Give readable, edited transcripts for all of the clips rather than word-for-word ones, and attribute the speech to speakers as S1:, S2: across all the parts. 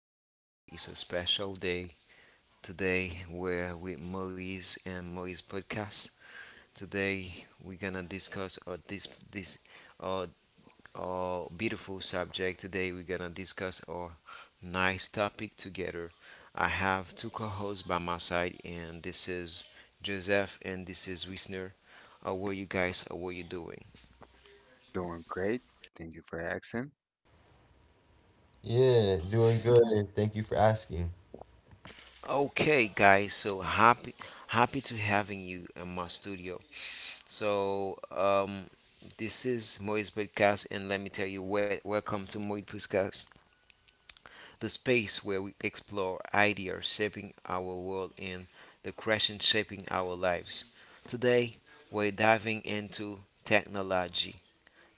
S1: day. Today is a special day. Today we're with Maurice and Maurice Podcast. Today we're gonna discuss our this this our, our beautiful subject. Today we're gonna discuss our nice topic together. I have two co-hosts by my side, and this is Joseph and this is Wisner. How are you guys? How are you doing?
S2: Doing great. Thank you for asking.
S3: Yeah, doing good, and thank you for asking.
S1: Okay, guys. So happy to having you in my studio. So um, this is Moist Podcast, and let me tell you, welcome to Moist Podcast, the space where we explore ideas shaping our world and the question shaping our lives. Today, we're diving into technology,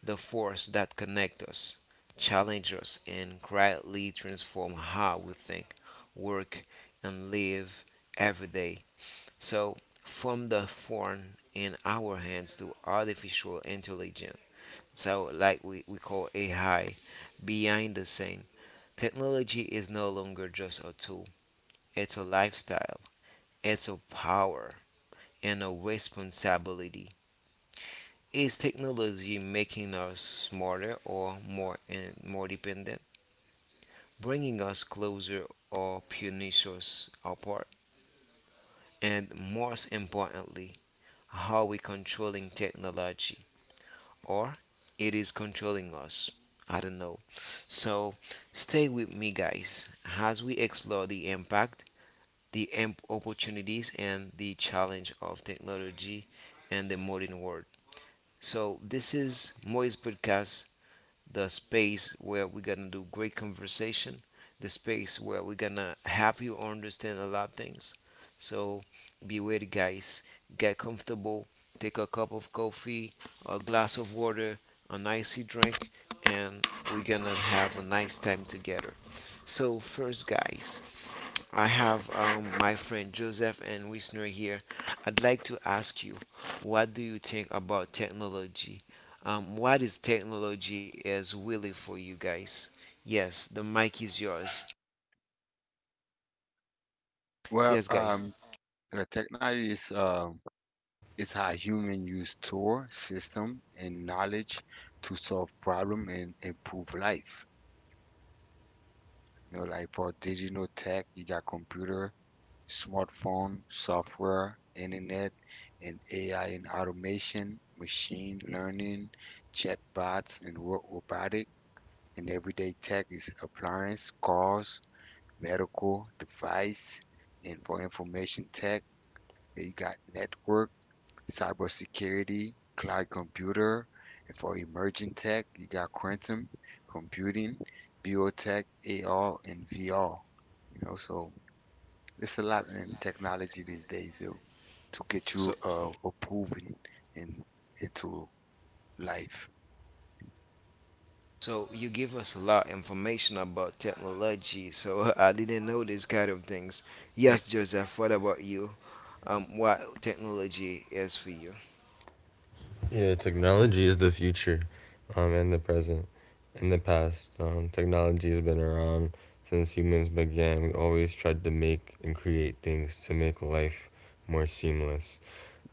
S1: the force that connects us, challenges us, and quietly transform how we think, work, and live every day. So, from the phone in our hands to artificial intelligence, so like we call AI, behind the scene, technology is no longer just a tool, it's a lifestyle, it's a power, and a responsibility. Is technology making us smarter or more and more dependent, bringing us closer or punishing us apart? And most importantly, how are we controlling technology, or it is controlling us? I don't know. So stay with me, guys, as we explore the impact, the opportunities, and the challenge of technology and the modern world. So this is Moise Podcast, the space where we're gonna do great conversation, the space where we're gonna help you understand a lot of things. So be ready, guys. Get comfortable. Take a cup of coffee, a glass of water, an icy drink, and we're gonna have a nice time together. So first, guys, I have my friend Joseph and Wisner here. I'd like to ask you, what do you think about technology? What is technology is really for you guys? Yes, the mic is yours.
S2: Well,
S1: Yes, guys.
S2: um, the technology is is how human use tool, system, and knowledge to solve problem and improve life. You know, like for digital tech, you got computer, smartphone, software, internet, and AI and automation, machine learning, chatbots, and robotic. And everyday tech is appliance, cars, medical device, and for information tech, you got network, cybersecurity, cloud computer, and for emerging tech, you got quantum computing, biotech, AR, and VR. You know, so it's a lot in technology these days though, to get
S1: So,
S2: you approved in into life.
S1: so you give us a lot of information about technology. So I didn't know these kind of things. Yes, Joseph. What about you? What technology is for you?
S3: Yeah, technology is the future, and the present, and the past. Technology has been around since humans began. We always tried to make and create things to make life more seamless.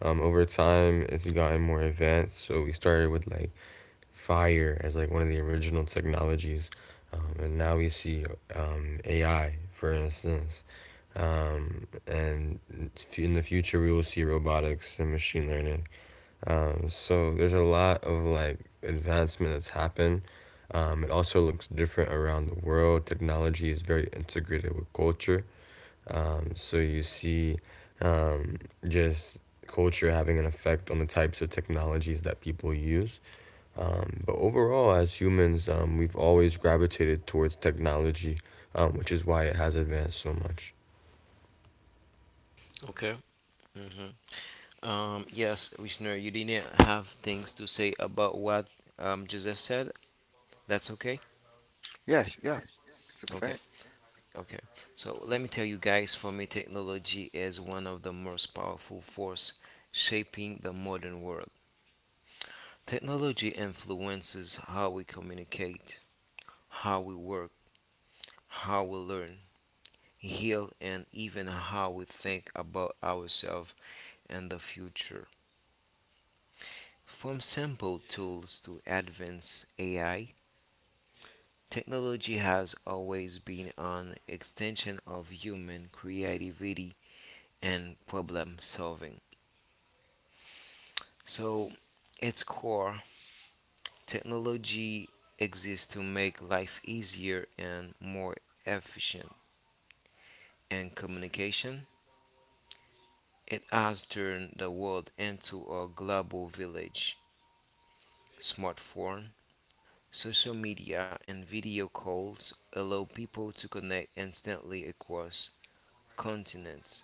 S3: Over time, it's gotten more advanced. So we started with like fire as like one of the original technologies, and now we see AI, for instance, and in the future we will see robotics and machine learning. So there's a lot of like advancement that's happened. It also looks different around the world. Technology is very integrated with culture. So you see um, just culture having an effect on the types of technologies that people use. But overall, as humans, we've always gravitated towards technology, which is why it has advanced so much.
S1: Okay. Yes, listener, you didn't have things to say about what Joseph said. That's okay.
S2: Yeah, yeah, it's a
S1: Okay.
S2: fact.
S1: Okay. So let me tell you guys, for me, technology is one of the most powerful force shaping the modern world. Technology influences how we communicate, how we work, how we learn, heal, and even how we think about ourselves and the future. From simple tools to advanced AI, technology has always been an extension of human creativity and problem solving. So, its core, technology exists to make life easier and more efficient. And communication, it has turned the world into a global village. Smartphone, social media, and video calls allow people to connect instantly across continents.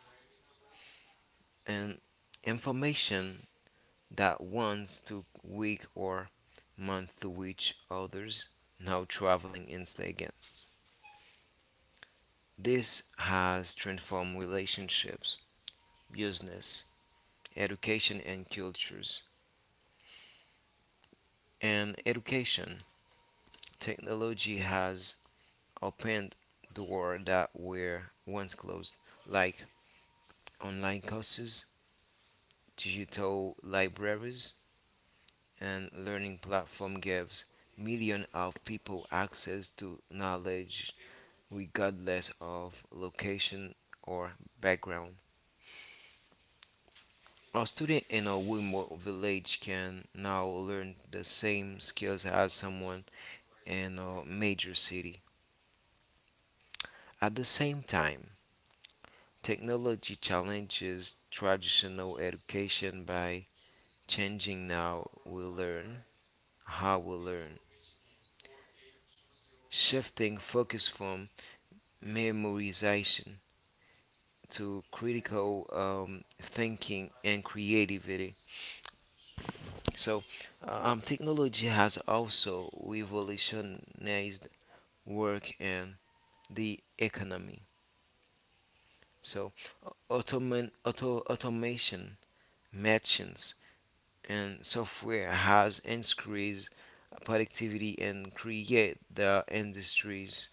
S1: And information that once took week or month to reach others now traveling in seconds. This has transformed relationships, business, education, and cultures. And education technology has opened doors that were once closed, like online courses, digital libraries, and learning platform gives millions of people access to knowledge regardless of location or background. A student in a remote village can now learn the same skills as someone in a major city. At the same time, technology challenges traditional education by changing how we learn, shifting focus from memorization to critical thinking and creativity. So, technology has also revolutionized work and the economy. So, automation, machines, and software has increased productivity and create the industries,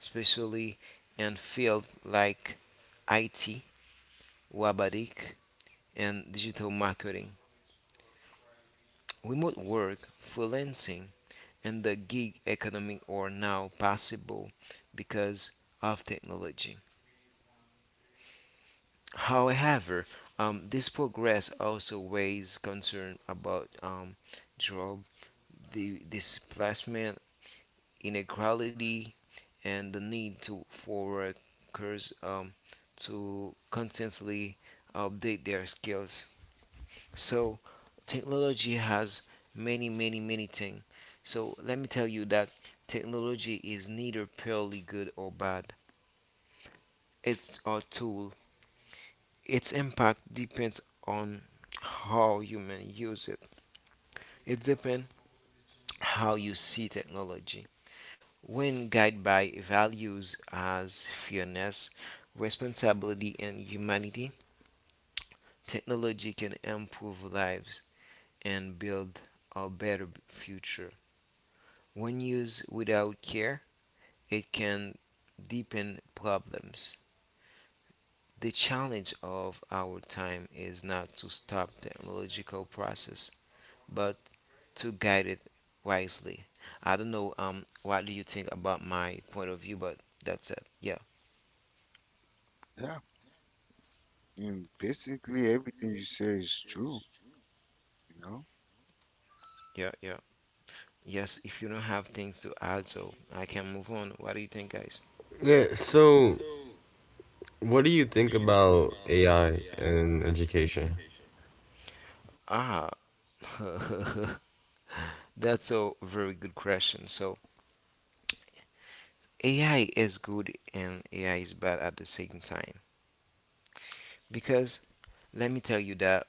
S1: especially in fields like IT, robotic, and digital marketing. Remote work, freelancing, and the gig economy are now possible because of technology. However, this progress also raises concern about job the displacement, inequality, and the need to for workers to constantly update their skills. So technology has many, many, many things. So let me tell you that technology is neither purely good or bad. It's a tool. Its impact depends on how humans use it. It depends how you see technology. When guided by values as fairness, responsibility, and humanity, technology can improve lives and build a better future. When used without care, it can deepen problems. The challenge of our time is not to stop the technological process, but to guide it wisely. I don't know what do you think about my point of view, but that's it. Yeah,
S2: Yeah. And basically everything you say is true, you know?
S1: yeah. Yes, if you don't have things to add, so I can move on. What do you think, guys?
S3: Yeah, so what do you think about AI and education?
S1: Ah, that's a very good question. So AI is good and AI is bad at the same time, because let me tell you that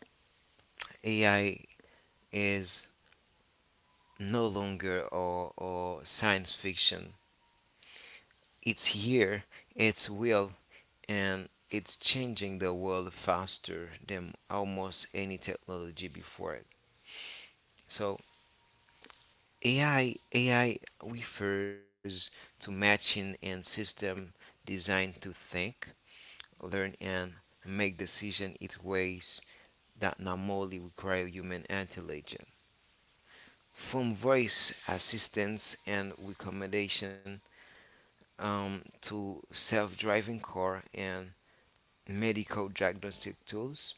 S1: AI is no longer or science fiction. It's here, it's real, and it's changing the world faster than almost any technology before it. So AI refers to matching and system designed to think, learn, and make decision in ways that normally require human intelligence. From voice assistance and recommendation to self-driving car and medical diagnostic tools,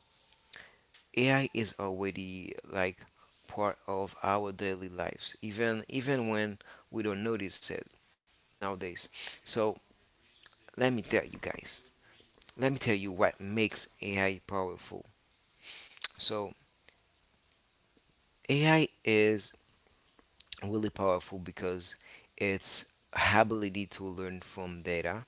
S1: AI is already like part of our daily lives even when we don't notice it nowadays. So let me tell you guys, let me tell you what makes AI powerful. So AI is really powerful because its ability to learn from data.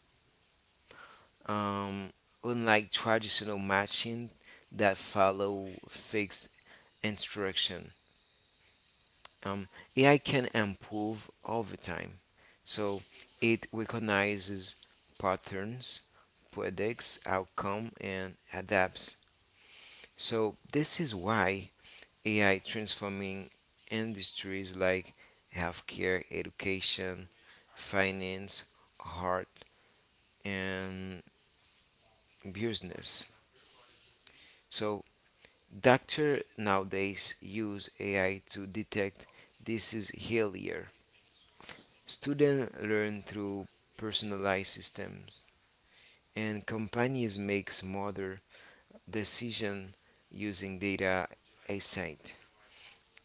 S1: um, Unlike traditional matching that follow fixed instruction. Um, AI can improve over time. So it recognizes patterns, predicts outcome, and adapts. So this is why AI transforming industries like healthcare, education, finance, art, and business. So doctors nowadays use AI to detect disease earlier. Students learn through personalized systems, and companies make smarter decisions using data insight.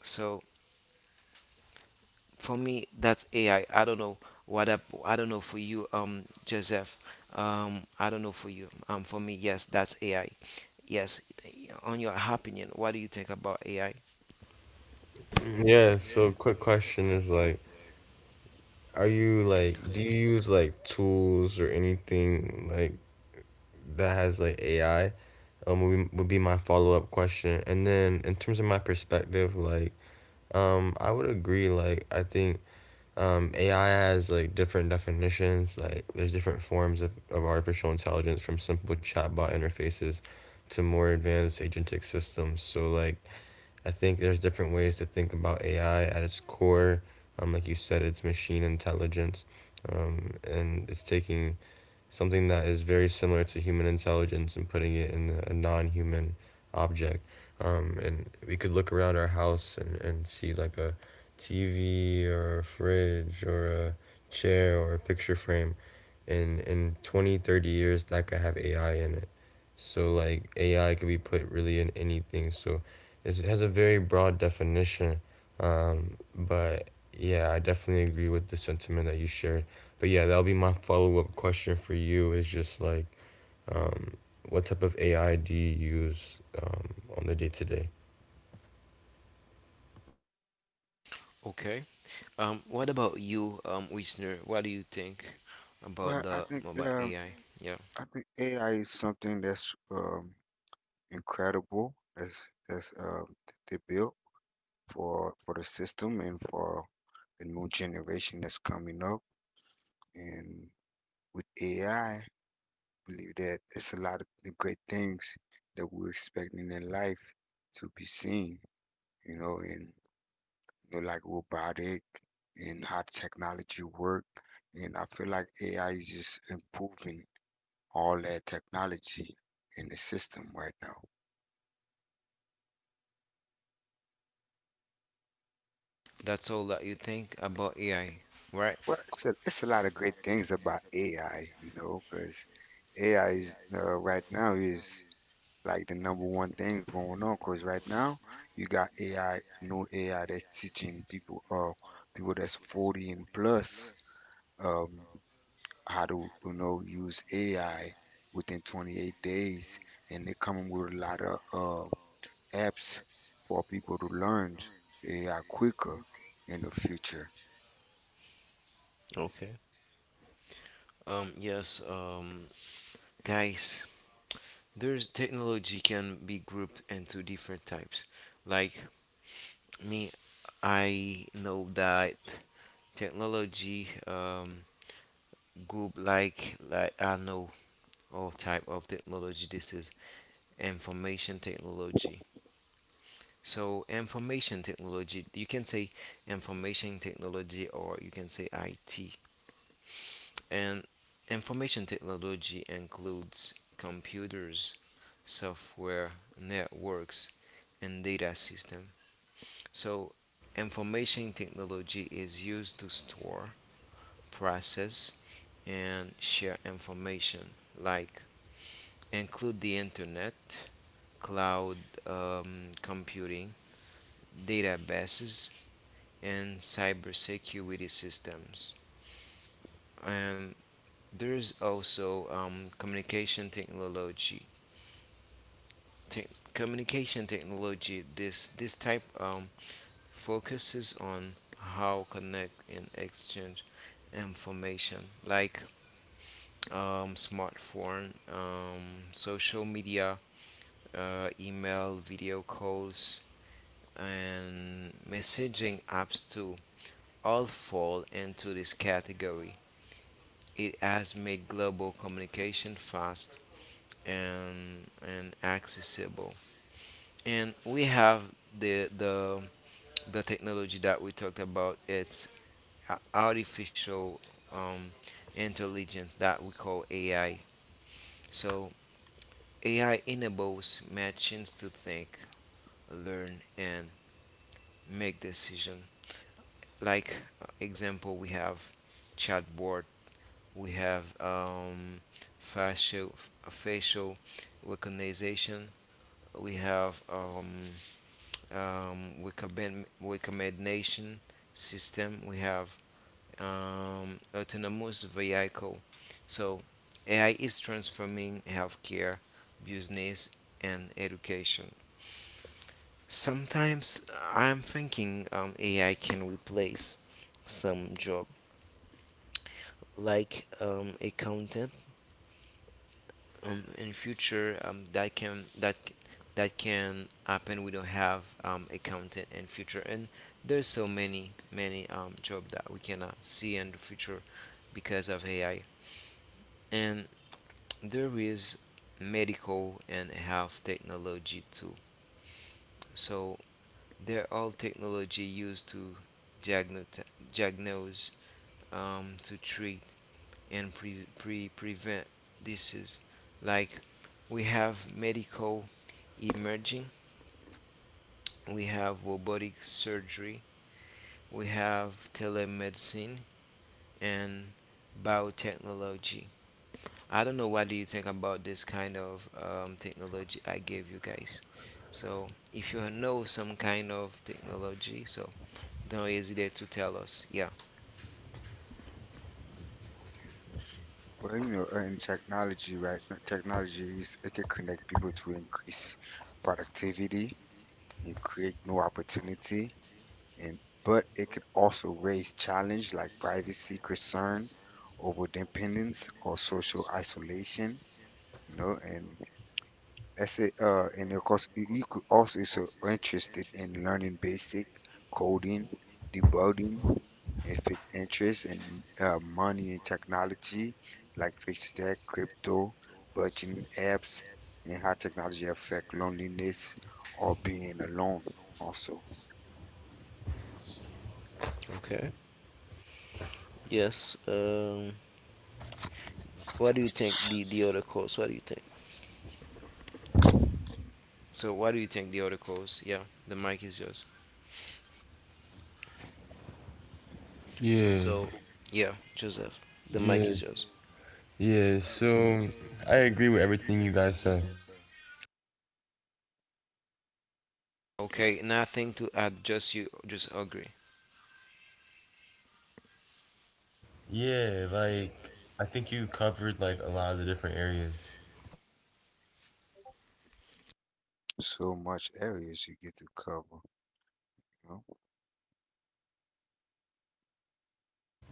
S1: So for me, that's AI. I don't know what up. I don't know for you, Joseph. I don't know for you. For me, yes, that's AI. Yes, on your opinion, what do you think about AI?
S3: Yeah, so quick question is like, are you like, do you use like tools or anything like that has like AI? Would be my follow-up question, and then in terms of my perspective, like I would agree. Like I think AI has like different definitions. Like there's different forms of artificial intelligence, from simple chatbot interfaces to more advanced agentic systems. So like I think there's different ways to think about AI at its core. Like you said, it's machine intelligence, and it's taking something that is very similar to human intelligence and putting it in a non-human object. And we could look around our house and see like a TV or a fridge or a chair or a picture frame. And in 20-30 years, that could have AI in it. So like AI could be put really in anything. So it has a very broad definition. But yeah, I definitely agree with the sentiment that you shared. But yeah, that'll be my follow up question for you, is just like, um, what type of AI do you use on the day to day?
S1: Okay. What about you, Wisner? What do you think about
S2: Well, I
S1: the
S2: think
S1: about
S2: um,
S1: AI? Yeah,
S2: I think AI is something that's incredible. That's that they built for the system and for the new generation that's coming up. And with AI, believe that it's a lot of the great things that we're expecting in life to be seen. You know, and you know, like robotic and how technology work. And I feel like AI is just improving all that technology in the system right now.
S1: that's all that you think about AI, right?
S2: It's a lot of great things about AI, you know, because AI is right now is like the number one thing going on. Because right now you got AI, new AI that's teaching people, people that's 40 and plus, um, how to, you know, use AI within 28 days, and they're coming with a lot of apps for people to learn AI quicker in the future.
S1: Okay. Yes, guys, there's technology can be grouped into different types. Like me, I know that technology group like I know all type of technology. This is information technology. So information technology, you can say information technology or you can say IT. And information technology includes computers, software, networks, and data system. So information technology is used to store, process, and share information like include the internet, cloud computing, databases, and cybersecurity systems. Um, there's also communication technology. Te- Communication technology. This type focuses on how connect and exchange information, like smartphone, social media, email, video calls, and messaging apps too all fall into this category. It has made global communication fast and accessible. And we have the the the technology that we talked about. It's artificial um, intelligence that we call AI. So AI enables machines to think, learn, and make decision. Like example, we have chatbot. We have facial facial recognition. We have recommendation system. We have autonomous vehicle. So AI is transforming healthcare, business, and education. Sometimes I'm thinking AI can replace some job like accountant in future that that can happen. We don't have accountant in future, and there's so many job that we cannot see in the future because of AI. And there is medical and health technology too. So they're all technology used to diagnose, diagnose to treat and prevent disease. Like we have medical emerging. We have robotic surgery. We have telemedicine and biotechnology. I don't know what do you think about this kind of technology I gave you guys. So if you know some kind of technology, so don't hesitate to tell us. Yeah.
S2: In technology, right now, technology is it can connect people to increase productivity and create new opportunity, and but it could also raise challenge like privacy concern, over dependence, or social isolation. You know, and essay and of course you, you could also is so interested in learning basic coding, debugging, if it interests in money and technology, like fixed tech, crypto, budgeting apps, and how technology affect loneliness or being alone also.
S1: Okay. Yes. What do you think the other course? What do you think? So what do you think the other course? Yeah, the mic is yours.
S3: Yeah,
S1: So yeah, Joseph. The mic is
S3: yeah,
S1: yours.
S3: yeah. So I agree with everything you guys said.
S1: Okay, nothing to add, just you just agree.
S3: Yeah, like I think you covered like a lot of the different areas.
S2: So much areas you get to cover, you know?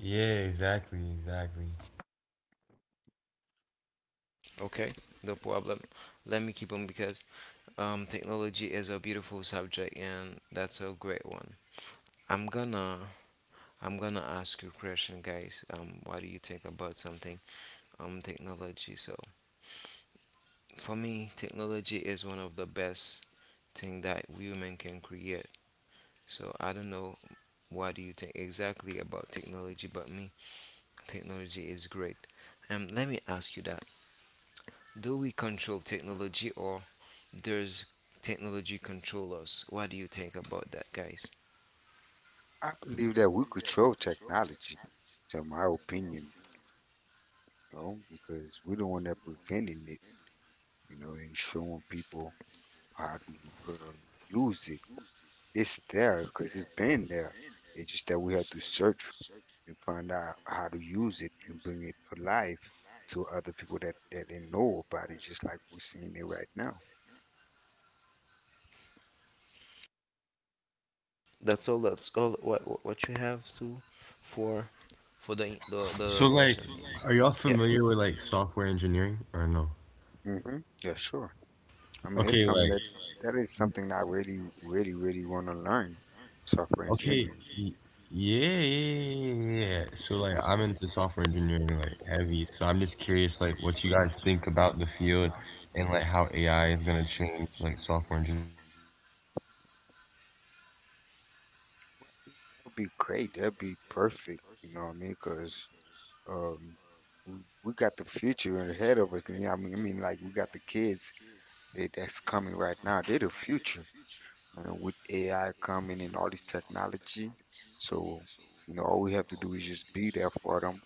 S3: Yeah, exactly, exactly.
S1: Okay, no problem. Let me keep on because technology is a beautiful subject and that's a great one. I'm gonna I'm gonna ask you a question, guys. What do you think about something? Technology. So for me technology is one of the best thing that women can create. So I don't know what do you think exactly about technology but me technology is great. Let me ask you that, do we control technology or does technology control us? What do you think about that, guys?
S2: I believe that we control technology, to my opinion. You know, because we're the one that preventing it, you know, and showing people how to use it. It's there because it's been there. It's just that we have to search and find out how to use it and bring it alive to other people that didn't know about it, just like we're seeing it right now.
S1: That's all. That's all. You have to for the
S3: So
S1: question.
S3: like,
S1: So like,
S3: are y'all
S1: yeah.
S3: familiar with like software engineering or no?
S2: hmm Yeah, sure. I mean, it's
S3: Okay,
S2: something
S3: like
S2: that that is something that I really, really, really want to learn software
S3: okay.
S2: engineering.
S3: y- yeah. So like I'm into software engineering like heavy. So I'm just curious like what you guys think about the field and like how AI is gonna change like software engineering.
S2: It'll be great. That'd be perfect. You know what I mean? 'Cause um we got the future ahead of us, man. Like we got the kids that's coming right now. They're the future, you know, with AI coming and all this technology. So, you know, all we have to do is just be there for them,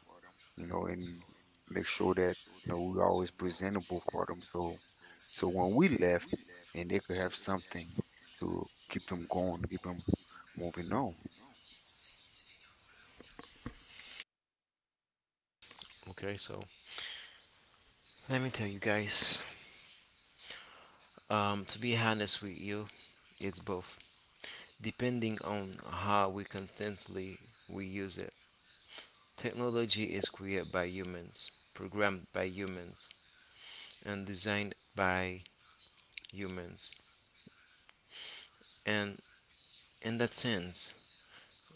S2: you know, and make sure that you know we're always presentable for them. So, so when we left, and they could have something to keep them going, keep them moving on.
S1: with Okay, so let me tell you guys. To be honest with you, it's both. Depending on how we constantly we use it. Technology is created by humans, programmed by humans, and designed by humans. And in that sense,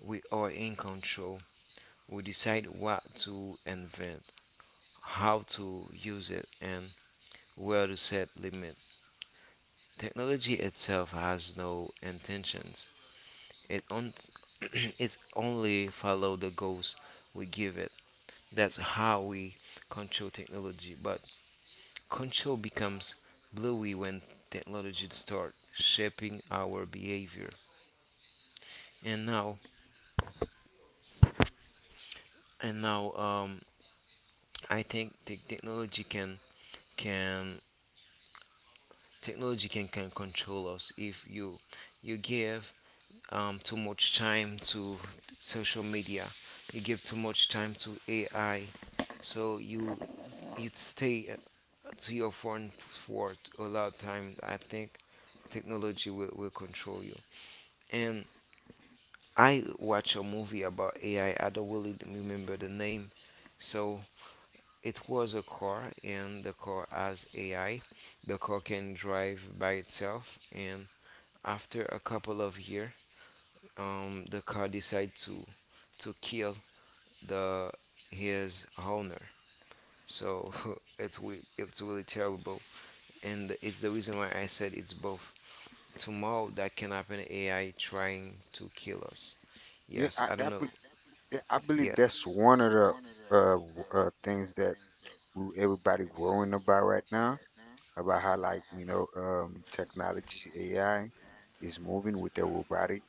S1: we are in control. We decide what to invent, how to use it, and where to set limits. Technology itself has no intentions. It, on- it only follows the goals we give it. That's how we control technology. But control becomes blurry when technology starts shaping our behavior. And now, and now, I think the technology can technology can control us. If you give too much time to social media, you give too much time to AI, so you'd stay to your phone for a lot of time, I think technology will control you. And I watch a movie about AI. I don't really remember the name. So it was a car, and the car has AI. The car can drive by itself, and after a couple of years, the car decide to kill the his owner. So it's really terrible, and it's the reason why I said it's both. Tomorrow that can happen, AI trying to kill us.
S2: Yeah,
S1: Yes,
S2: I,
S1: I don't
S2: I,
S1: know.
S2: be- I believe
S1: Yeah,
S2: that's one of the things that who everybody worrying about right now, about how like you know technology AI is moving with the robotic,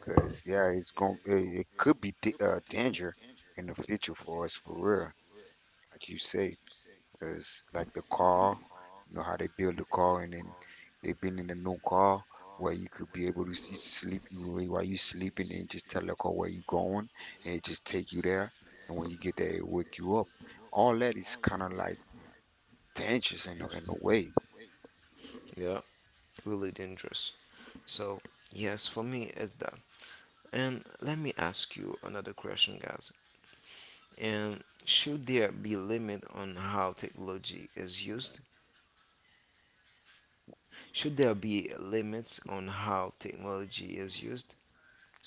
S2: because yeah, it could be danger in the future for us for real, like you say, because like the car, you know how they build the car and then they building a new car. Where you could be able to see sleep while you sleeping and just tell the car where you going, and it just take you there, and when you get there it wake you up. All that is kind of like dangerous in a way.
S1: yeah, really dangerous. So yes, for me it's that. And let me ask you another question, guys. And should there be limit on how technology is used? Should there be limits on how technology is used?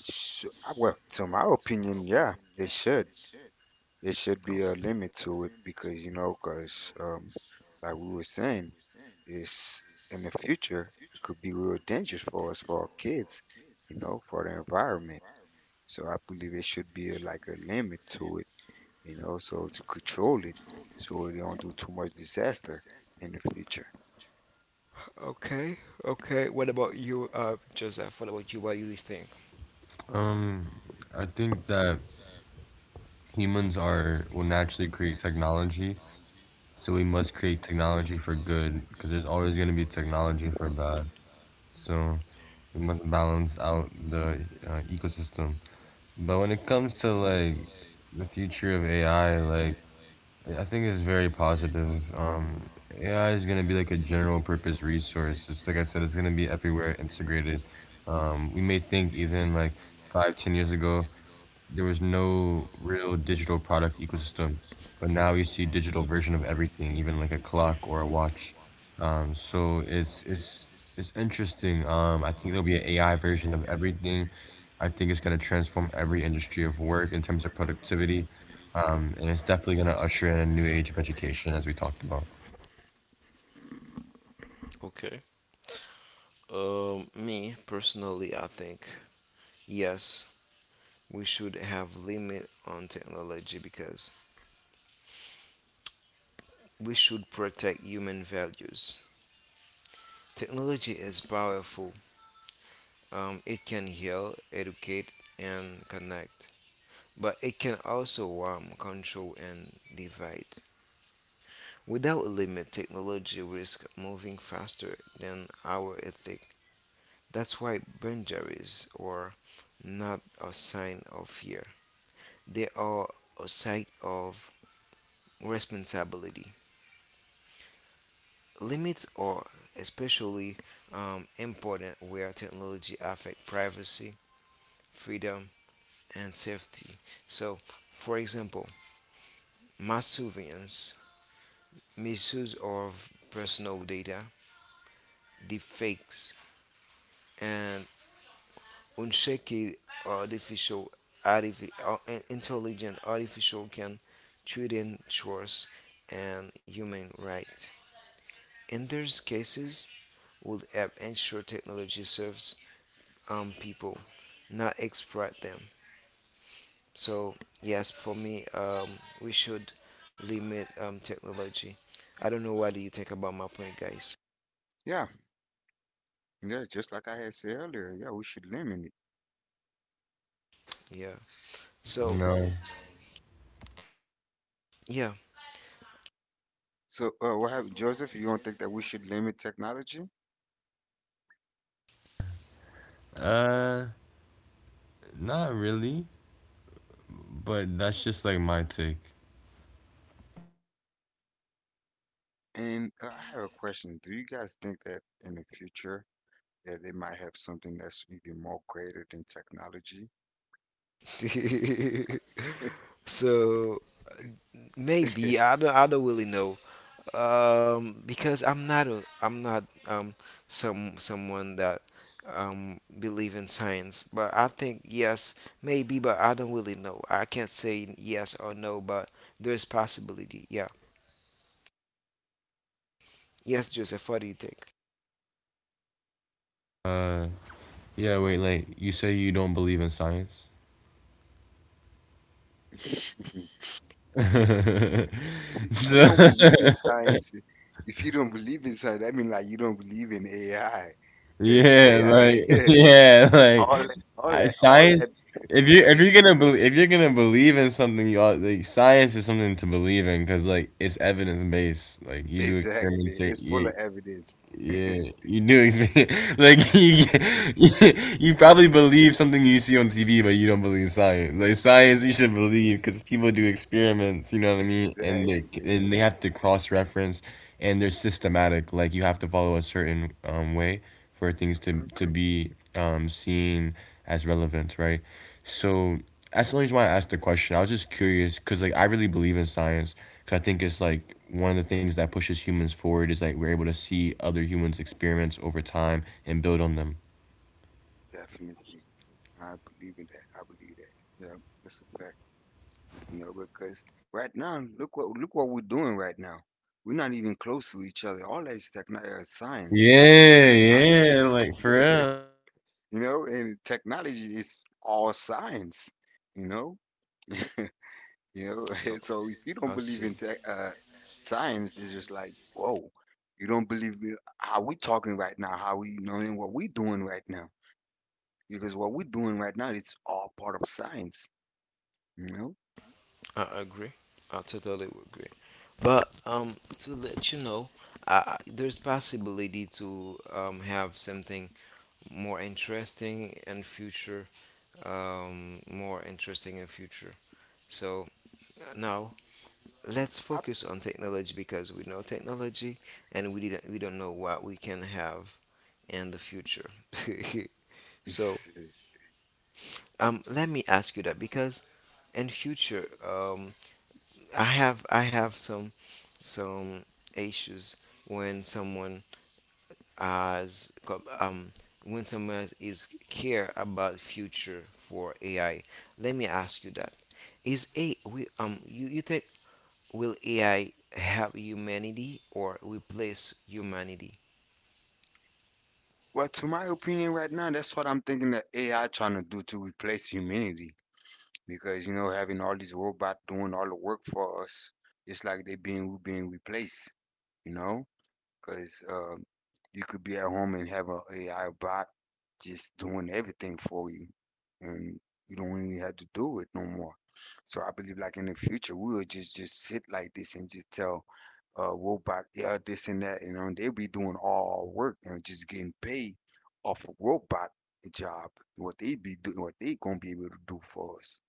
S2: To my opinion, yeah, it should. It should be a
S1: Okay.
S2: limit to it because, you know, because like we were saying, it's in the future, it could be real dangerous for us, for our kids, you know, for the environment. So I believe it should be a, like a limit to it, you know, so to control it so we don't do too much disaster in the future.
S1: Okay. Okay. What about you, Joseph? What about you? What do you think?
S3: Um, I think that humans are will naturally create technology, so we must create technology for good, because there's always going to be technology for bad. So we must balance out the ecosystem. But when it comes to like the future of AI, like yeah, I think it's very positive. AI is going to be like a general purpose resource. It's like I said, it's going to be everywhere integrated. We may think even like 5, 10 years ago, there was no real digital product ecosystem, but now you see digital version of everything, even like a clock or a watch. So it's interesting. I think there'll be an AI version of everything. I think it's gonna transform every industry of work in terms of productivity, and it's definitely gonna usher in a new age of education, as we talked about.
S1: Okay. Me personally, I think yes, we should have limit on technology because we should protect human values. Technology is powerful. It can heal, educate, and connect, but it can also harm, control, and divide. Without a limit, technology risks moving faster than our ethic. That's why boundaries are not a sign of fear. They are a sign of responsibility. Limits are especially important where technology affects privacy, freedom, and safety. So, for example, mass surveillance, misuse of personal data, deepfakes, and unchecked artificial artifi- uh, intelligent artificial can threaten trust and human rights. In these cases, would help ensure technology serves people, not exploit them. So yes, for me, we should limit technology. I don't know what do you think about my point, guys.
S2: Yeah, yeah, just like I had said earlier, yeah, we should limit it.
S1: Yeah. So
S3: No.
S1: yeah.
S2: So, what have Joseph, you don't think that we should limit technology?
S3: Uh, Not really, but that's just like my take.
S2: And I have a question. Do you guys think that in the future that they might have something that's even more greater than technology?
S1: So maybe I don't really know. Because I'm not a. I'm not someone that believe in science. But I think yes, maybe. But I don't really know. I can't say yes or no. But there's possibility. Yeah. Yes, Joseph. What do you think?
S3: Yeah, wait, like you say you don't believe in science?
S2: See, if you don't believe in science, if you don't believe in science, I mean, like you don't believe in AI, because
S3: Yeah, like
S2: AI,
S3: yeah, like
S2: all that, all that, all
S3: science.
S2: that,
S3: If you if you're gonna believe if you're gonna believe in something, you ought, like science is something to believe in, because like it's evidence based. Like you do
S2: exactly,
S3: experiments,
S2: it's full
S3: yeah,
S2: of evidence.
S3: yeah, you do experience like you you probably believe something you see on TV, but you don't believe science. Like science, you should believe, because people do experiments. You know what I mean? And they
S2: Exactly.
S3: and they have to cross reference, and they're systematic. Like you have to follow a certain way for things to
S2: hmm
S3: to be seen as relevant, right? So that's the only reason why I asked the question. I was just curious, because like I really believe in science, because I think it's
S2: hmm
S3: like one of the things that pushes humans forward is like we're able to see other humans' experiments over time and build on them.
S2: Definitely. I believe in that. I believe that. Yeah, that's a fact. You know, because right now, look what we're doing right now. We're not even close to each other. All that is techno science.
S3: Yeah, yeah, like for real.
S2: You know, and technology is all science, you know? You know, so if you don't
S1: I
S2: believe
S1: see.
S2: in science, it's just like, whoa, you don't believe in how we talking right now, how we knowing what we doing right now, because what we're doing right now is all part of science, you know?
S1: I agree. I totally agree. But to let you know, there's possibility to have something more interesting in future. More interesting in future. So now let's
S2: I,
S1: focus on technology because we know technology, and we don't know what we can have in the future. So let me ask you that because in future I have some issues when someone has co- um, when someone is care about future for AI. Let me ask you that: Is a we you think, will AI help humanity or replace humanity?
S2: well, to my opinion, right now, that's what I'm thinking that AI trying to do to replace humanity, because you know, having all these robots doing all the work for us, it's like they being we being replaced. You know, because you could be at home and have a AI bot just doing everything for you, and you don't really have to do it no more. So I believe, like in the future, we will just sit like this and just tell robot, yeah, this and that, you know, and they'll be doing all our work and just getting paid off a robot job, what they gonna be able to do for us.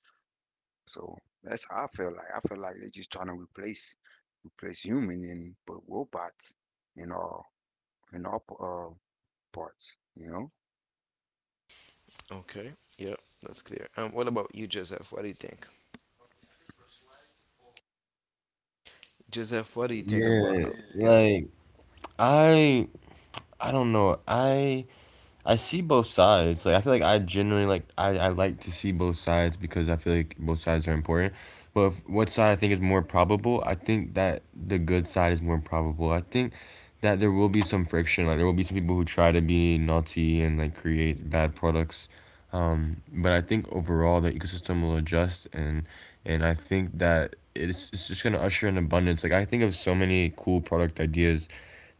S2: So that's how I feel like. I feel like they're just trying to replace human and but robots and all in all parts. You know.
S1: Okay, yeah, that's clear. What about you, Joseph? What do you think? Joseph, what do you think about?
S3: Yeah,
S1: Yeah.
S3: like I I don't know. I see both sides. Like I feel like I generally like I like to see both sides, because I feel like both sides are important. But if, what side I think is more probable? I think that the good side is more probable. I think that there will be some friction. Like there will be some people who try to be naughty and like create bad products. But I think overall the ecosystem will adjust, and I think that it's just gonna usher in abundance. Like I think of so many cool product ideas,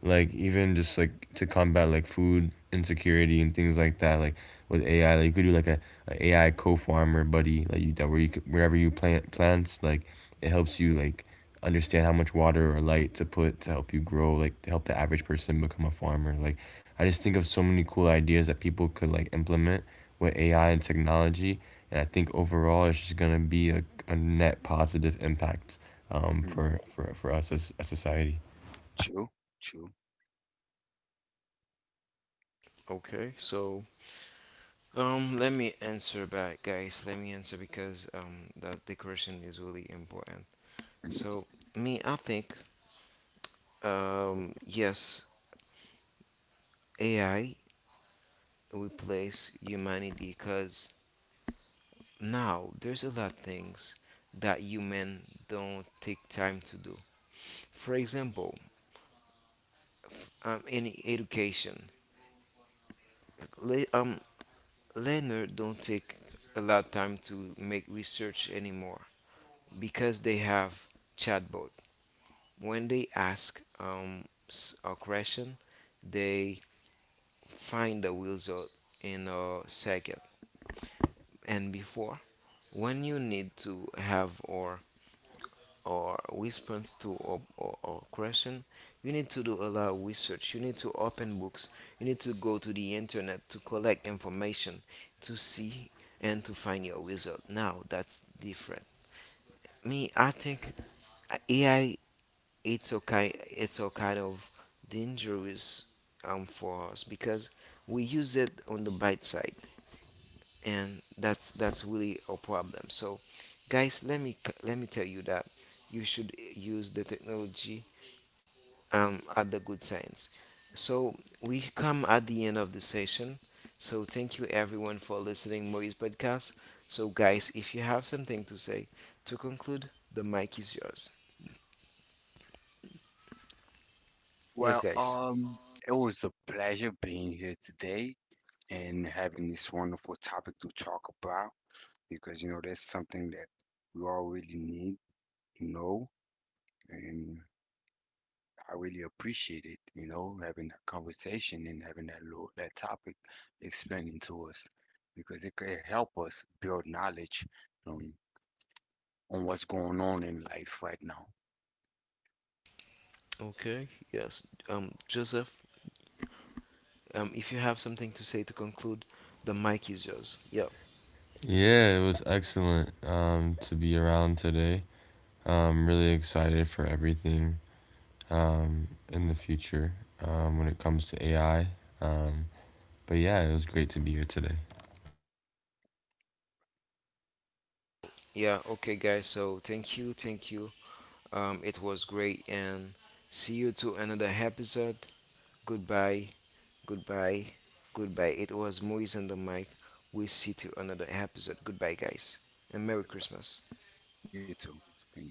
S3: like even just like to combat like food insecurity and things like that, like with AI, like you could do like AI co-farmer buddy, like you that where you could, wherever you plant plants, like it helps you like understand how much water or light to put, to help you grow, like to help the average person become a farmer. Like I just think of so many cool ideas that people could like implement with AI and technology, and I think overall it's just gonna be a net positive impact
S2: Mm,
S3: for us as a society.
S2: chill, chill.
S1: Okay, so let me answer back, guys. Let me answer because that the question is really important. So me, I think, yes, AI replace humanity because now there's a lot of things that human don't take time to do. For example, in education, le- um, learner don't take a lot of time to make research anymore because they have chatbot. When they ask a question, they find the result in a second. And before, when you need to have or response to or question, you need to do a lot of research. You need to open books. You need to go to the internet to collect information, to see and to find your result. Now that's different. Me, I think AI it's okay. It's a kind of dangerous for us because we use it on the bite side. And that's really a problem. So guys, let me tell you that you should use the technology at the good science. So we come at the end of the session. So thank you everyone for listening Maurice podcast. So guys, if you have something to say to conclude, the mic is yours. Yes,
S2: Well,
S1: guys.
S2: um, it was a pleasure being here today and having this wonderful topic to talk about, because you know that's something that we all really need to know, and I really appreciate it. You know, having that conversation and having that topic explaining to us, because it could help us build knowledge um, on what's going on in life right now.
S1: Okay, yes, Joseph, if you have something to say to conclude, the mic is yours. Yeah.
S3: Yeah, it was excellent to be around today. I'm really excited for everything in the future, when it comes to AI. Um, but yeah, it was great to be here today.
S1: Yeah, okay, guys. So thank you, thank you. It was great, and see you to another episode. Goodbye, goodbye, goodbye. It was Moise and the mic. We see to another episode. Goodbye, guys, and Merry Christmas.
S2: You too. Thanks.